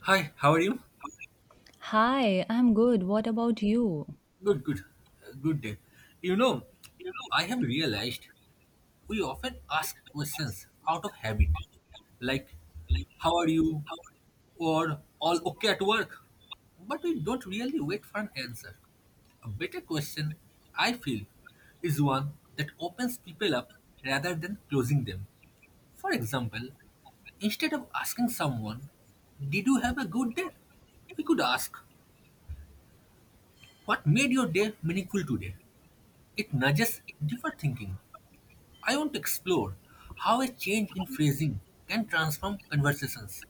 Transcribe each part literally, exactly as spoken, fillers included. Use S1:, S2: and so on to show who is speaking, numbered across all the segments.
S1: Hi, how are you?
S2: Hi, I'm good. What about you?
S1: Good, good. Uh, Good day. You know, I have realized we often ask questions out of habit, like, how are you? Or all okay at work? But we don't really wait for an answer. A better question, I feel, is one that opens people up rather than closing them. For example, instead of asking someone, did you have a good day? We could ask, what made your day meaningful today? It nudges deeper thinking. I want to explore how a change in phrasing can transform conversations.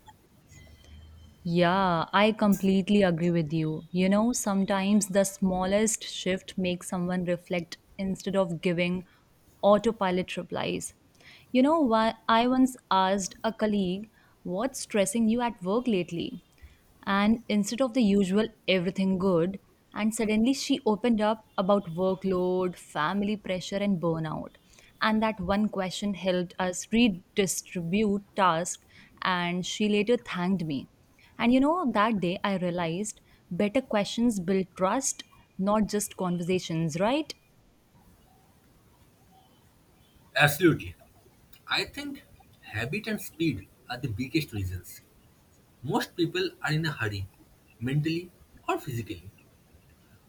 S2: Yeah, I completely agree with you. You know, sometimes the smallest shift makes someone reflect instead of giving autopilot replies. You know, why I once asked a colleague, what's stressing you at work lately? And instead of the usual everything good and suddenly she opened up about workload, family pressure and burnout, and that one question helped us redistribute tasks and she later thanked me, and you know, that day I realized better questions build trust, not just conversations, right?
S1: Absolutely. I think habit and speed are the biggest reasons. Most people are in a hurry, mentally or physically.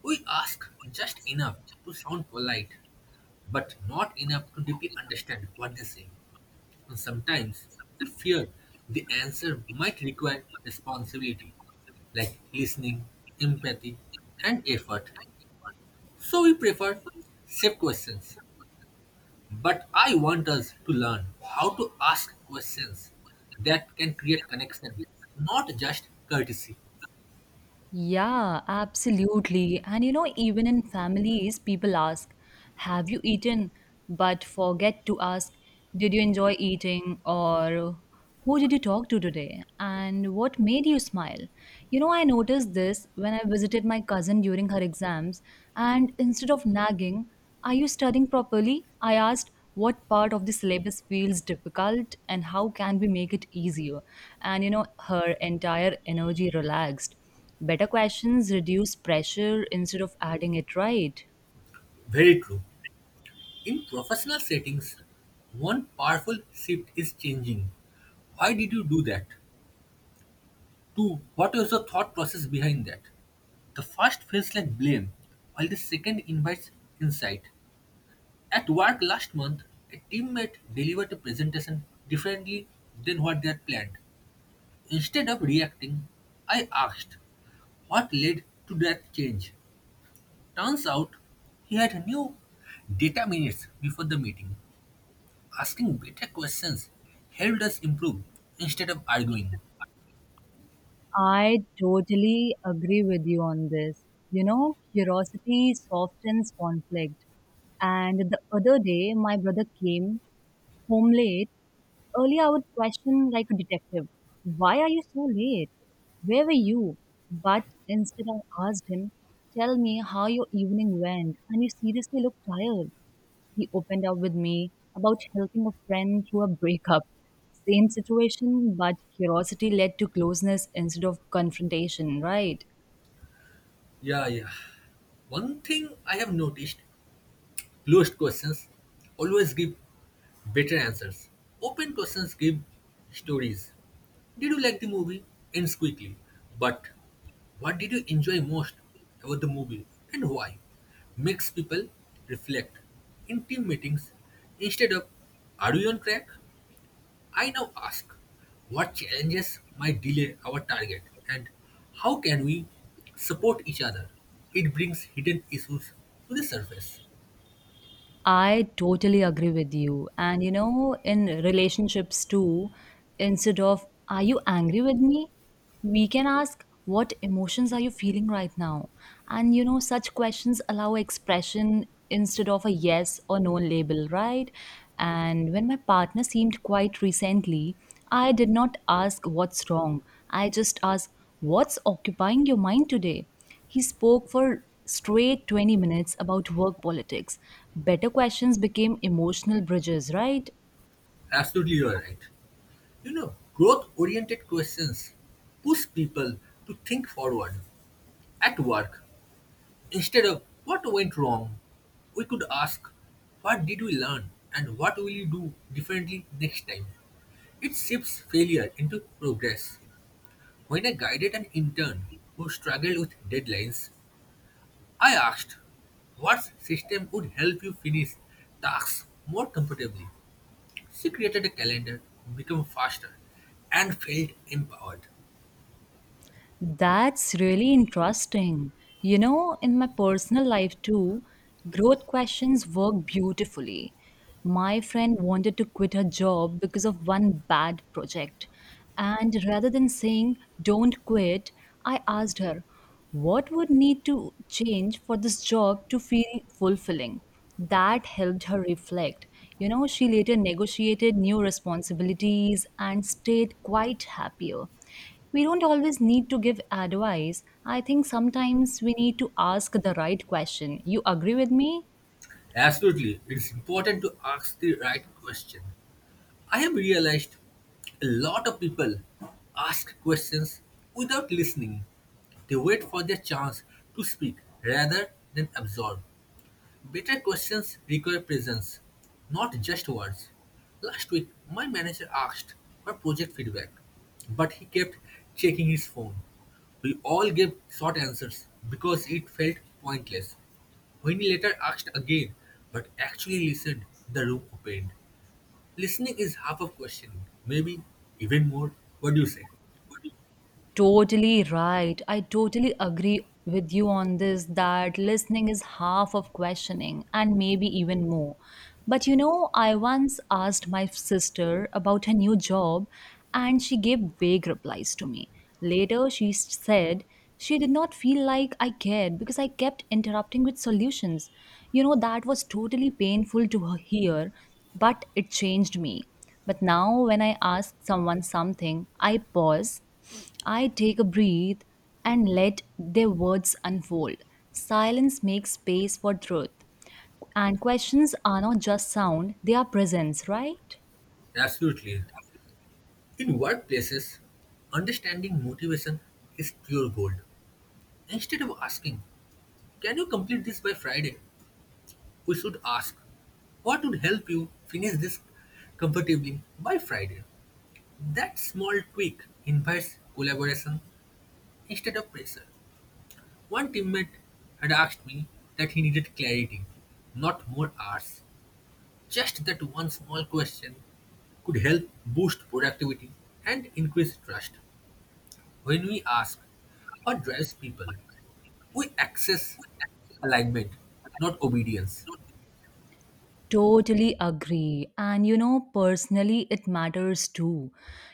S1: We ask just enough to sound polite, but not enough to deeply understand what they say. And sometimes we fear the answer might require responsibility, like listening, empathy, and effort. So we prefer safe questions. But I want us to learn how to ask questions that can create connection, not just courtesy.
S2: Yeah, absolutely. And you know, even in families, people ask, have you eaten? But forget to ask, did you enjoy eating? Or who did you talk to today? And what made you smile? You know, I noticed this when I visited my cousin during her exams, and instead of nagging, are you studying properly? I asked, what part of the syllabus feels difficult and how can we make it easier? And you know, her entire energy relaxed. Better questions reduce pressure instead of adding it, right?
S1: Very true. In professional settings, one powerful shift is changing. Why did you do that? Two, what was the thought process behind that? The first feels like blame, while the second invites insight. At work last month, a teammate delivered a presentation differently than what they had planned. Instead of reacting, I asked what led to that change. Turns out he had new data minutes before the meeting. Asking better questions helped us improve instead of arguing.
S2: I totally agree with you on this. You know, curiosity softens conflict. And the other day, my brother came home late. Earlier, I would question like a detective, why are you so late? Where were you? But instead, I asked him, tell me how your evening went, and you seriously look tired. He opened up with me about helping a friend through a breakup. Same situation, but curiosity led to closeness instead of confrontation, right?
S1: Yeah, yeah. One thing I have noticed, closed questions always give better answers. Open questions give stories. Did you like the movie? Ends quickly. But what did you enjoy most about the movie and why? Makes people reflect. In team meetings, instead of are you on track? I now ask what challenges might delay our target and how can we support each other? It brings hidden issues to the surface.
S2: I totally agree with you. And you know, in relationships too, instead of "Are you angry with me?" we can ask, "What emotions are you feeling right now?" And you know, such questions allow expression instead of a yes or no label, right? And when my partner seemed quite recently, I did not ask what's wrong. I just asked, "What's occupying your mind today?" He spoke for straight twenty minutes about work politics. Better questions became emotional bridges, right?
S1: Absolutely, you are right. You know, growth oriented questions push people to think forward at work instead of what went wrong. We could ask, what did we learn and what will you do differently next time? It shifts failure into progress. When I guided an intern who struggled with deadlines, I asked, what system would help you finish tasks more comfortably? She created a calendar, became faster, and felt empowered.
S2: That's really interesting. You know, in my personal life too, growth questions work beautifully. My friend wanted to quit her job because of one bad project. And rather than saying, don't quit, I asked her, what would need to change for this job to feel fulfilling? That helped her reflect. You know, she later negotiated new responsibilities and stayed quite happier. We don't always need to give advice. I think sometimes we need to ask the right question. You agree with me?
S1: Absolutely, it's important to ask the right question. I have realized a lot of people ask questions without listening. They wait for their chance to speak rather than absorb. Better questions require presence, not just words. Last week, my manager asked for project feedback, but he kept checking his phone. We all gave short answers because it felt pointless. When he later asked again, but actually listened, the room opened. Listening is half of questioning, maybe even more. What do you say?
S2: Totally right. I totally agree with you on this that listening is half of questioning and maybe even more. But you know, I once asked my sister about her new job and she gave vague replies to me. Later, she s- said she did not feel like I cared because I kept interrupting with solutions. You know, that was totally painful to h- hear, but it changed me. But now, when I ask someone something, I pause, I take a breath, and let their words unfold. Silence makes space for truth. And questions are not just sound, they are presence, right?
S1: Absolutely. In workplaces, understanding motivation is pure gold. Instead of asking, can you complete this by Friday? We should ask, what would help you finish this comfortably by Friday? That small tweak invites collaboration instead of pressure. One teammate had asked me that he needed clarity, not more hours. Just that one small question could help boost productivity and increase trust. When we ask what drives people, we access alignment, not obedience.
S2: Totally agree. And you know, personally, it matters too.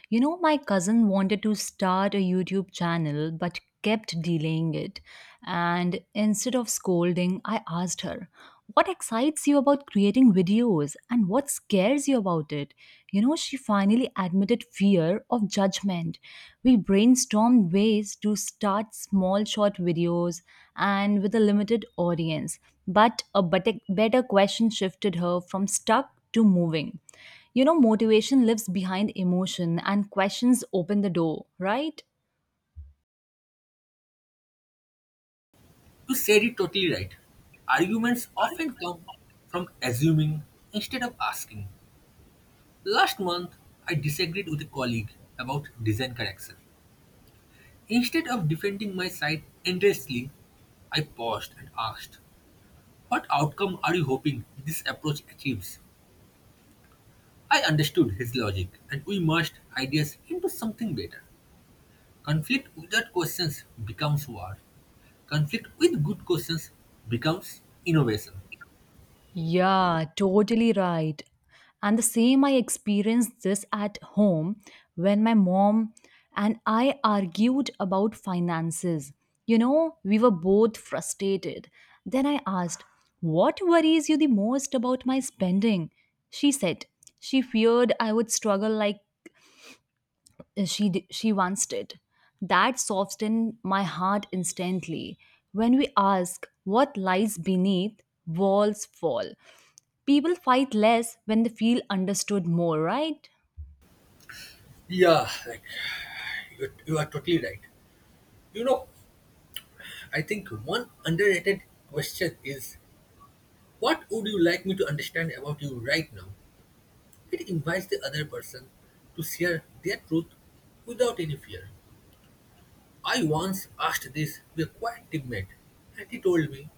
S2: You know, my cousin wanted to start a YouTube channel but kept delaying it. And instead of scolding, I asked her, what excites you about creating videos and what scares you about it? You know, she finally admitted fear of judgment. We brainstormed ways to start small short videos and with a limited audience. But a bet- better question shifted her from stuck to moving. You know, motivation lives behind emotion, and questions open the door, right?
S1: You said it totally right. Arguments often come from assuming instead of asking. Last month, I disagreed with a colleague about design correction. Instead of defending my side endlessly, I paused and asked, what outcome are you hoping this approach achieves? I understood his logic and we merged ideas into something better. Conflict without questions becomes war. Conflict with good questions becomes innovation.
S2: Yeah, totally right. And the same, I experienced this at home when my mom and I argued about finances. You know, we were both frustrated. Then I asked, what worries you the most about my spending? She said, she feared I would struggle like uh, she, d- she once did. That softened my heart instantly. When we ask what lies beneath, walls fall. People fight less when they feel understood more, right?
S1: Yeah, like You, you are totally right. You know, I think one underrated question is, what would you like me to understand about you right now? It invites the other person to share their truth without any fear. I once asked this to a quiet teammate, and he told me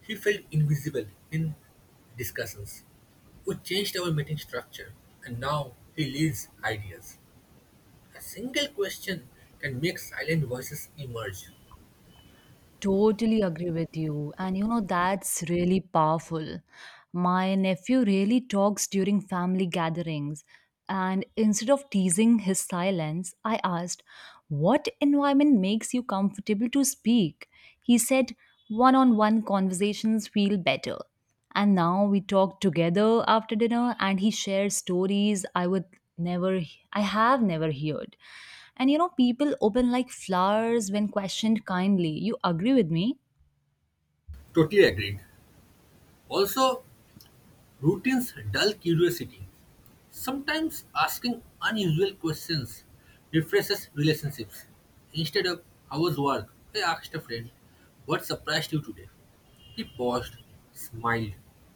S1: he felt invisible in discussions. We changed our meeting structure, and now he leads ideas. A single question can make silent voices emerge.
S2: Totally agree with you. And you know, that's really powerful. My nephew really talks during family gatherings. And instead of teasing his silence, I asked, what environment makes you comfortable to speak? He said, one on one conversations feel better. And now we talk together after dinner, and he shares stories I would never, I have never heard. And you know, people open like flowers when questioned kindly. You agree with me?
S1: Totally agreed. Also, routines dull curiosity. Sometimes asking unusual questions refreshes relationships. Instead of, how was work? I asked a friend, what surprised you today? He paused, smiled,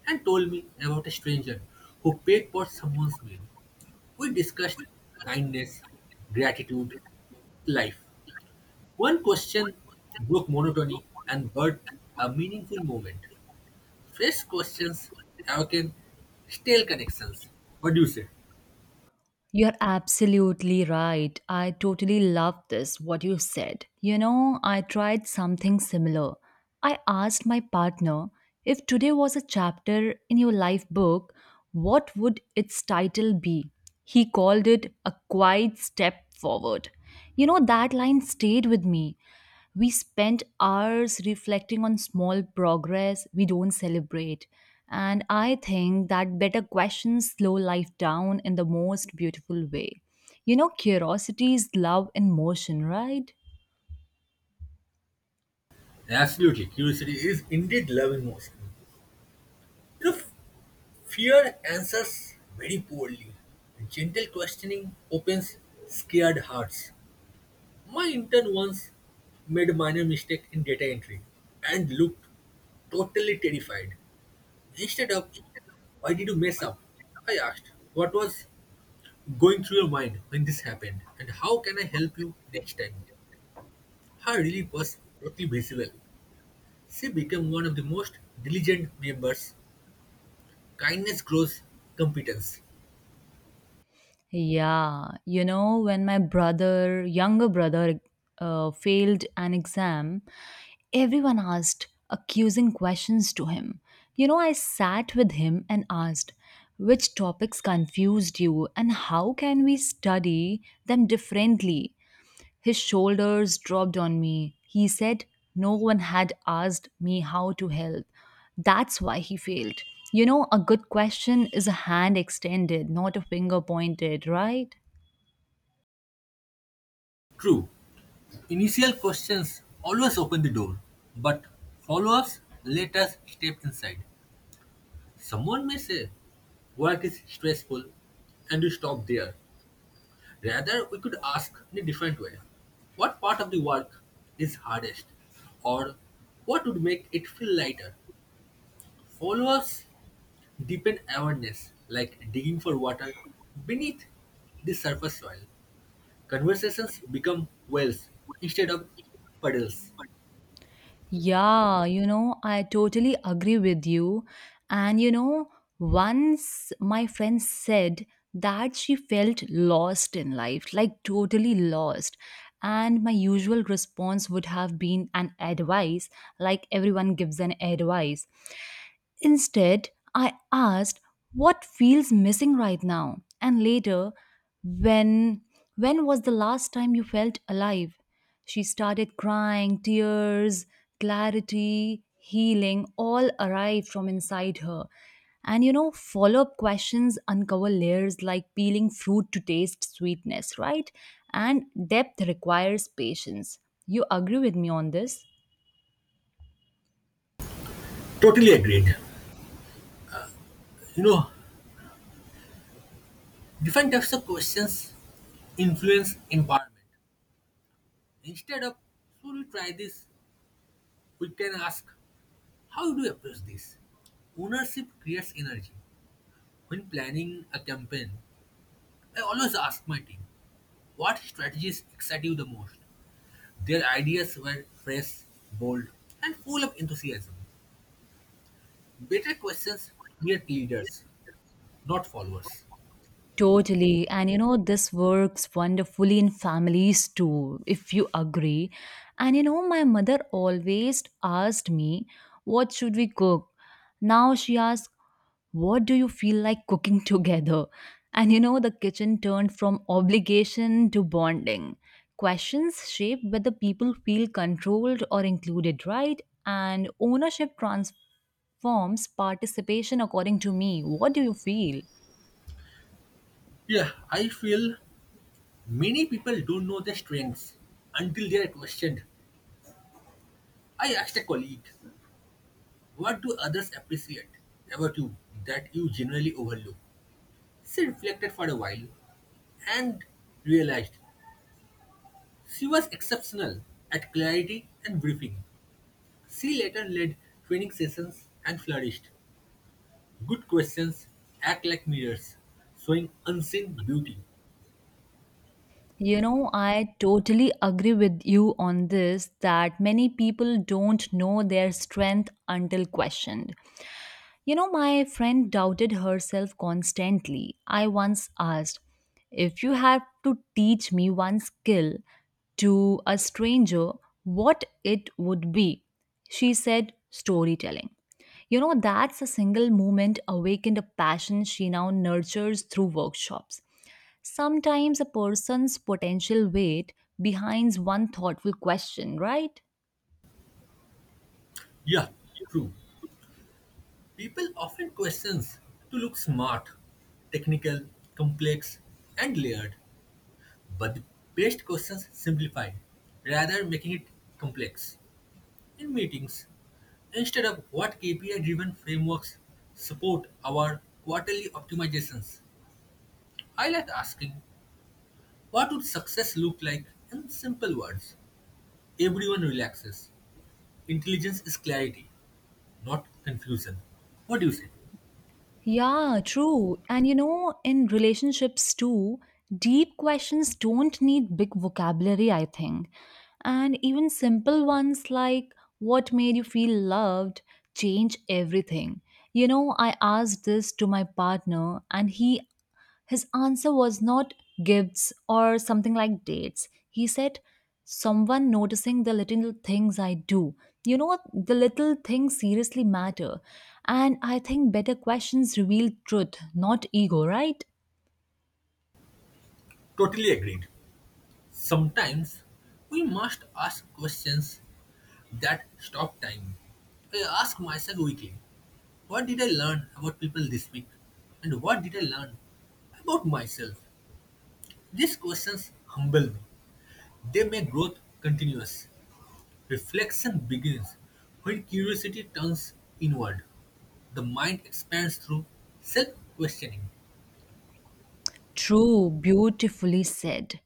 S1: and told me about a stranger who paid for someone's meal. We discussed kindness, gratitude, life. One question broke monotony and birthed a meaningful moment. Fresh questions awaken stale connections. What do you say?
S2: You're absolutely right. I totally love this, what you said. You know, I tried something similar. I asked my partner, if today was a chapter in your life book, what would its title be? He called it A Quiet Step Forward. You know, that line stayed with me. We spend hours reflecting on small progress we don't celebrate. And I think that better questions slow life down in the most beautiful way. You know, curiosity is love in motion, right?
S1: Absolutely, curiosity is indeed love in motion. You know, fear answers very poorly, and gentle questioning opens scared hearts. My intern once made a minor mistake in data entry and looked totally terrified. Instead of, why did you mess up? I asked, what was going through your mind when this happened and how can I help you next time? Her relief was totally visible. She became one of the most diligent members. Kindness grows competence.
S2: Yeah, you know, when my brother, younger brother, uh, failed an exam, everyone asked accusing questions to him. You know, I sat with him and asked, which topics confused you and how can we study them differently? His shoulders dropped on me. He said no one had asked me how to help. That's why he failed. You know, a good question is a hand extended, not a finger pointed, right?
S1: True, initial questions always open the door, but follow ups let us step inside. Someone may say, work is stressful, and you stop there. Rather, we could ask in a different way, what part of the work is hardest? Or what would make it feel lighter? Follow ups deepen awareness, like digging for water beneath the surface soil. Conversations become wells instead of puddles.
S2: Yeah, you know, I totally agree with you. And you know, once my friend said that she felt lost in life, like totally lost. And my usual response would have been an advice, like everyone gives an advice. Instead, I asked what feels missing right now. And later, when when was the last time you felt alive? She started crying, tears, clarity, healing all arrived from inside her. And you know, follow up questions uncover layers like peeling fruit to taste sweetness, right? And depth requires patience. You agree with me on this?
S1: Totally agreed. You know, different types of questions influence environment. Instead of should we try this, we can ask how do you approach this? Ownership creates energy. When planning a campaign, I always ask my team what strategies excite you the most. Their ideas were fresh, bold, and full of enthusiasm. Better questions create leaders, not followers.
S2: Totally. And you know, this works wonderfully in families too, if you agree. And you know, my mother always asked me, what should we cook? Now she asks, what do you feel like cooking together? And you know, the kitchen turned from obligation to bonding. Questions shape whether people feel controlled or included, right? And ownership transforms participation, according to me. What do you feel?
S1: Yeah, I feel many people don't know their strengths until they are questioned. I asked a colleague, what do others appreciate about you that you generally overlook? She reflected for a while and realized she was exceptional at clarity and briefing. She later led training sessions and flourished. Good questions act like mirrors, showing unseen beauty.
S2: You know, I totally agree with you on this that many people don't know their strength until questioned. You know, my friend doubted herself constantly. I once asked, if you had to teach me one skill to a stranger, what it would be? She said, storytelling. You know, that's a single moment awakened a passion she now nurtures through workshops. Sometimes a person's potential weight behind one thoughtful question, right?
S1: Yeah, true. People often questions to look smart, technical, complex, and layered, but the best questions simplify, rather making it complex. In meetings, instead of what K P I-driven frameworks support our quarterly optimizations, I like asking, what would success look like in simple words? Everyone relaxes. Intelligence is clarity, not confusion. What do you say?
S2: Yeah, true. And you know, in relationships too, deep questions don't need big vocabulary, I think. And even simple ones like what made you feel loved change everything. You know, I asked this to my partner and he, his answer was not gifts or something like dates. He said, someone noticing the little things I do. You know, the little things seriously matter. And I think better questions reveal truth, not ego, right?
S1: Totally agreed. Sometimes we must ask questions that stop time. I ask myself weekly, what did I learn about people this week? And what did I learn about myself? These questions humble me. They make growth continuous. Reflection begins when curiosity turns inward. The mind expands through self questioning.
S2: True, beautifully said.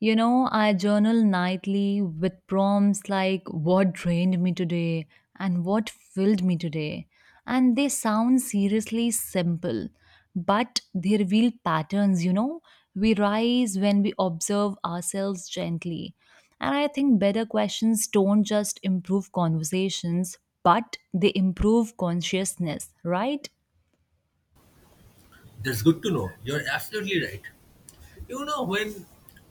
S2: You know, I journal nightly with prompts like what drained me today and what filled me today. And they sound seriously simple, but they reveal patterns, you know. We rise when we observe ourselves gently. And I think better questions don't just improve conversations, but they improve consciousness, right?
S1: That's good to know. You're absolutely right. You know, when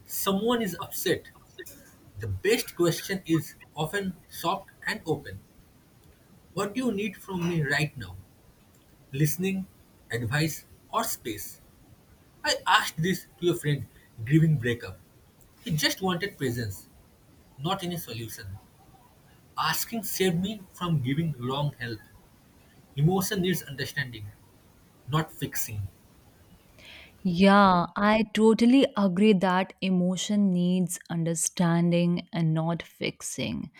S1: someone is upset, the best question is often soft and open. What do you need from me right now? Listening, advice, or space? I asked this to a friend grieving breakup. He just wanted presence, not any solution. Asking saved me from giving wrong help. Emotion needs understanding, not fixing.
S2: Yeah, I totally agree that emotion needs understanding and not fixing.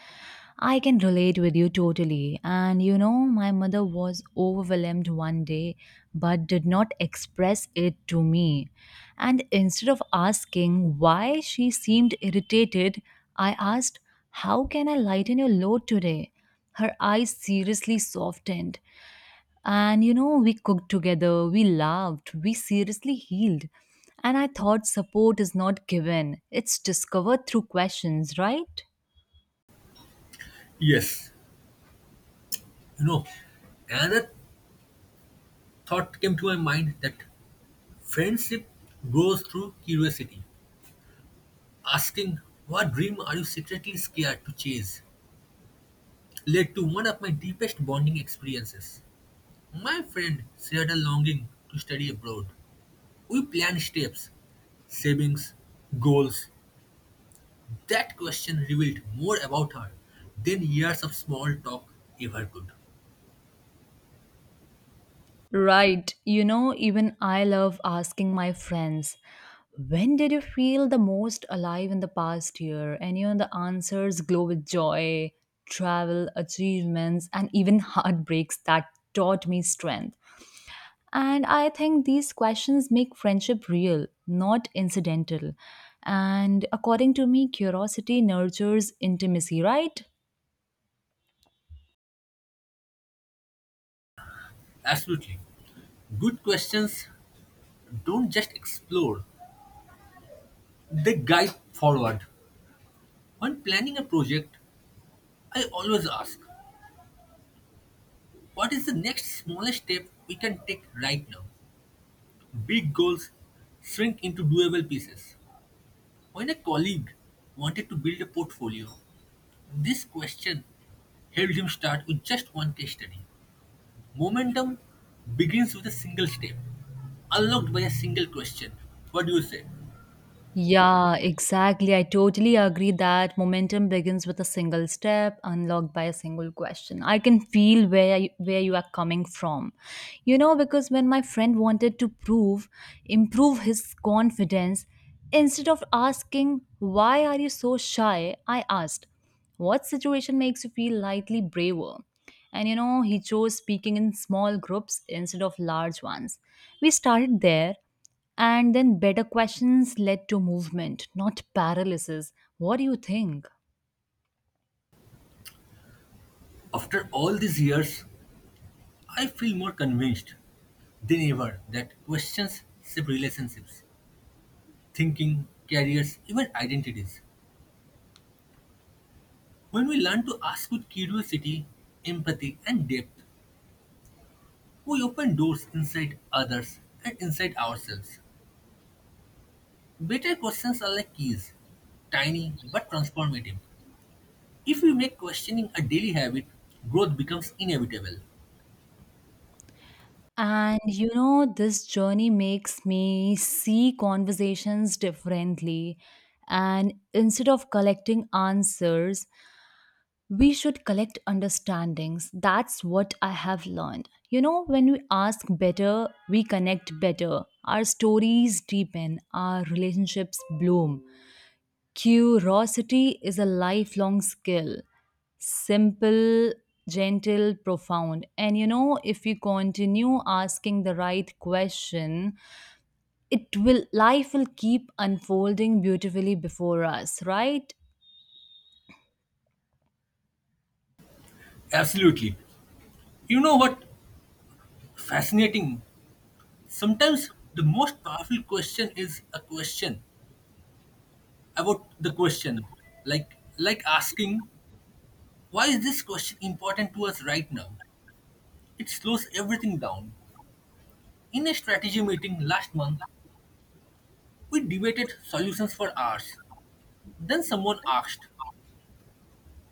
S2: I can relate with you totally. And you know, my mother was overwhelmed one day but did not express it to me. And instead of asking why she seemed irritated, I asked, how can I lighten your load today? Her eyes seriously softened and you know, we cooked together, we laughed, we seriously healed. And I thought support is not given, it's discovered through questions, right?
S1: Yes, you know, another thought came to my mind that friendship grows through curiosity. Asking, what dream are you secretly scared to chase? Led to one of my deepest bonding experiences. My friend shared a longing to study abroad. We planned steps, savings, goals. That question revealed more about her than years of small talk ever could.
S2: Right. You know, even I love asking my friends, when did you feel the most alive in the past year? And you know, the answers glow with joy, travel, achievements, and even heartbreaks that taught me strength. And I think these questions make friendship real, not incidental. And according to me, curiosity nurtures intimacy, right?
S1: Absolutely. Good questions don't just explore, they guide forward. When planning a project, I always ask, what is the next smallest step we can take right now? Big goals shrink into doable pieces. When a colleague wanted to build a portfolio, this question helped him start with just one case study. Momentum begins with a single step, unlocked by a single question. What do you say?
S2: Yeah, exactly. I totally agree that momentum begins with a single step, unlocked by a single question. I can feel where you, where you are coming from. You know, because when my friend wanted to prove improve his confidence, instead of asking why are you so shy, I asked, what situation makes you feel slightly braver? And you know, he chose speaking in small groups instead of large ones. We started there and then better questions led to movement, not paralysis. What do you think?
S1: After all these years, I feel more convinced than ever that questions shape relationships, thinking, careers, even identities. When we learn to ask with curiosity, empathy, and depth, we open doors inside others and inside ourselves. Better questions are like keys, tiny but transformative. If we make questioning a daily habit, growth becomes inevitable.
S2: And you know, this journey makes me see conversations differently. And instead of collecting answers, we should collect understandings. That's what I have learned. You know, when we ask better, we connect better. Our stories deepen, our relationships bloom. Curiosity is a lifelong skill. Simple, gentle, profound. And you know, if you continue asking the right question, it will life will keep unfolding beautifully before us, right?
S1: Absolutely. You know what? Fascinating. Sometimes the most powerful question is a question about the question, like like asking, why is this question important to us right now? It slows everything down. In a strategy meeting last month, we debated solutions for hours. Then someone asked,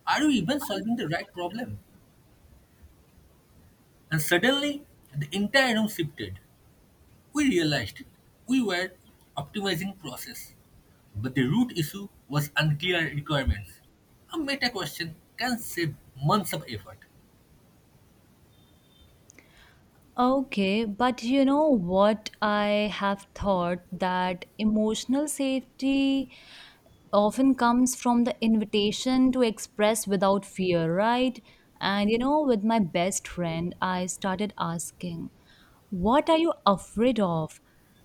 S1: are we even solving the right problem? And suddenly the entire room shifted. We realized we were optimizing process, but the root issue was unclear requirements. A meta question can save months of effort.
S2: Okay, but you know what, I have thought that emotional safety often comes from the invitation to express without fear, right? And you know, with my best friend, I started asking, what are you afraid of?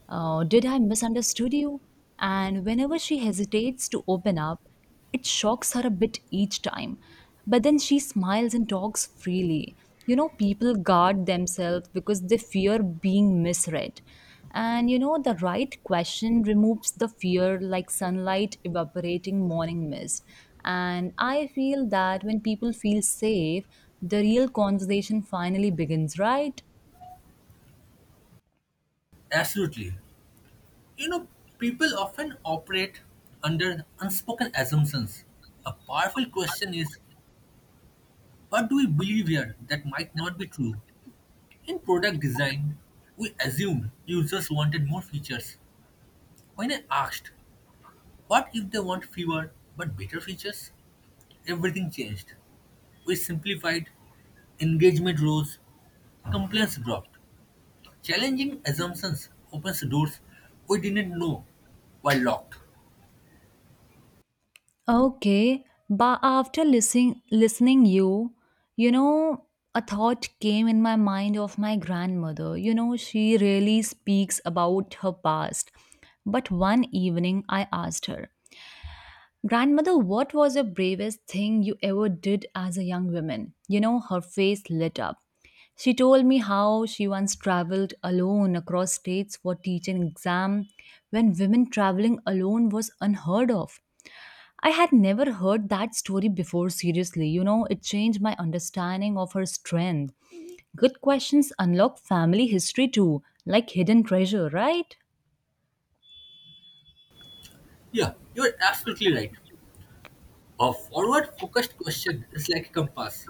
S2: Uh, did I misunderstood you? And whenever she hesitates to open up, it shocks her a bit each time. But then she smiles and talks freely. You know, people guard themselves because they fear being misread. And you know, the right question removes the fear like sunlight evaporating morning mist. And I feel that when people feel safe, the real conversation finally begins, right?
S1: Absolutely. You know, people often operate under unspoken assumptions. A powerful question is, what do we believe here that might not be true? In product design, we assumed users wanted more features. When I asked, what if they want fewer but better features? Everything changed. We simplified, engagement rose, complaints dropped. Challenging assumptions opens doors we didn't know were locked.
S2: Okay, but after listening listening you, you know, a thought came in my mind of my grandmother. You know, she really speaks about her past. But one evening I asked her, "Grandmother, what was the bravest thing you ever did as a young woman?" You know, her face lit up. She told me how she once traveled alone across states for teaching exam when women traveling alone was unheard of. I had never heard that story before, seriously. You know, it changed my understanding of her strength. Good questions unlock family history too, like hidden treasure, right?
S1: Yeah, you're absolutely right. A forward focused question is like a compass.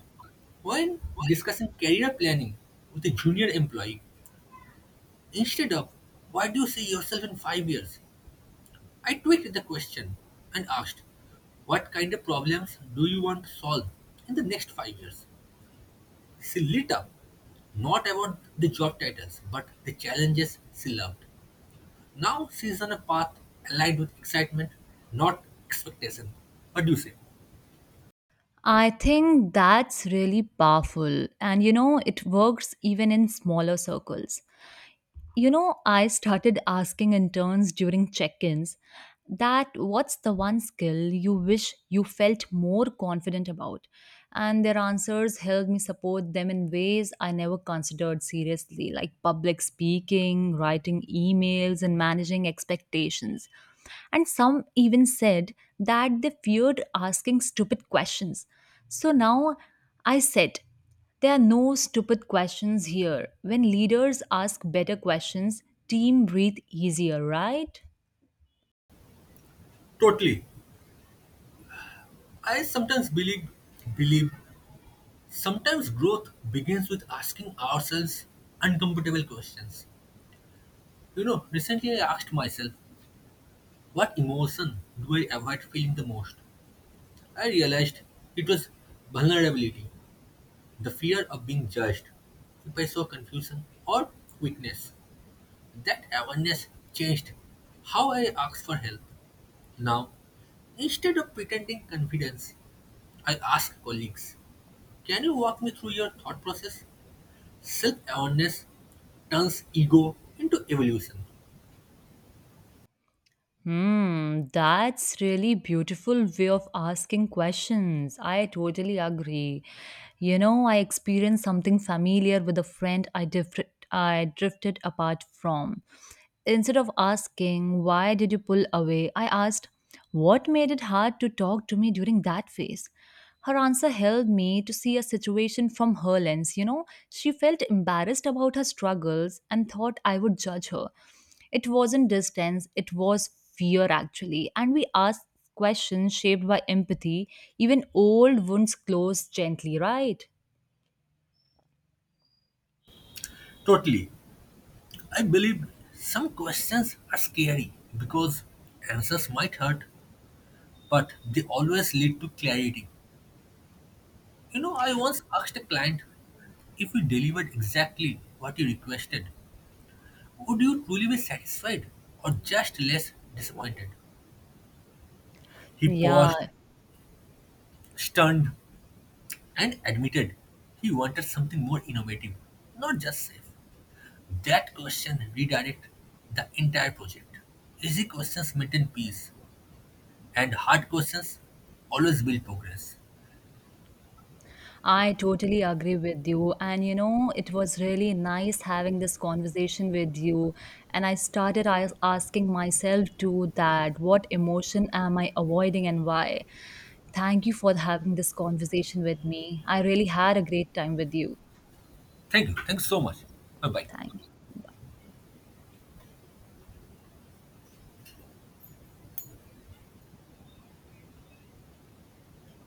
S1: When discussing career planning with a junior employee, instead of why do you see yourself in five years, I tweaked the question and asked, what kind of problems do you want to solve in the next five years? She lit up, not about the job titles, but the challenges she loved. Now she's on a path aligned with excitement, not expectation. What do you say?
S2: I think that's really powerful. And you know, it works even in smaller circles. You know, I started asking interns during check ins, that what's the one skill you wish you felt more confident about? And their answers helped me support them in ways I never considered seriously, like public speaking, writing emails, and managing expectations. And some even said that they feared asking stupid questions. So now I said, there are no stupid questions here. When leaders ask better questions, team breathe easier, right?
S1: Totally. I sometimes believe, believe sometimes growth begins with asking ourselves uncomfortable questions. You know, recently I asked myself, what emotion do I avoid feeling the most? I realized it was vulnerability, the fear of being judged if I saw confusion or weakness. That awareness changed how I ask for help. Now, instead of pretending confidence, I ask colleagues, can you walk me through your thought process? Self awareness turns ego into evolution.
S2: Hmm, that's really beautiful way of asking questions. I totally agree. You know, I experienced something familiar with a friend I drifted I drifted apart from. Instead of asking, "Why did you pull away?" I asked, what made it hard to talk to me during that phase? Her answer helped me to see a situation from her lens, you know. She felt embarrassed about her struggles and thought I would judge her. It wasn't distance, it was fear actually. And we asked questions shaped by empathy. Even old wounds close gently, right?
S1: Totally. I believe some questions are scary because answers might hurt, but they always lead to clarity. You know, I once asked a client, if you delivered exactly what you requested, would you truly be satisfied or just less disappointed? He
S2: Yeah,
S1: paused, stunned, and admitted he wanted something more innovative, not just safe. That question redirected the entire project. Easy questions maintain peace, and hard questions always build progress.
S2: I totally agree with you. And you know, it was really nice having this conversation with you. And I started as- asking myself too that what emotion am I avoiding and why? Thank you for having this conversation with me. I really had a great time with you.
S1: Thank you. Thanks so much. Bye bye.
S2: Thank.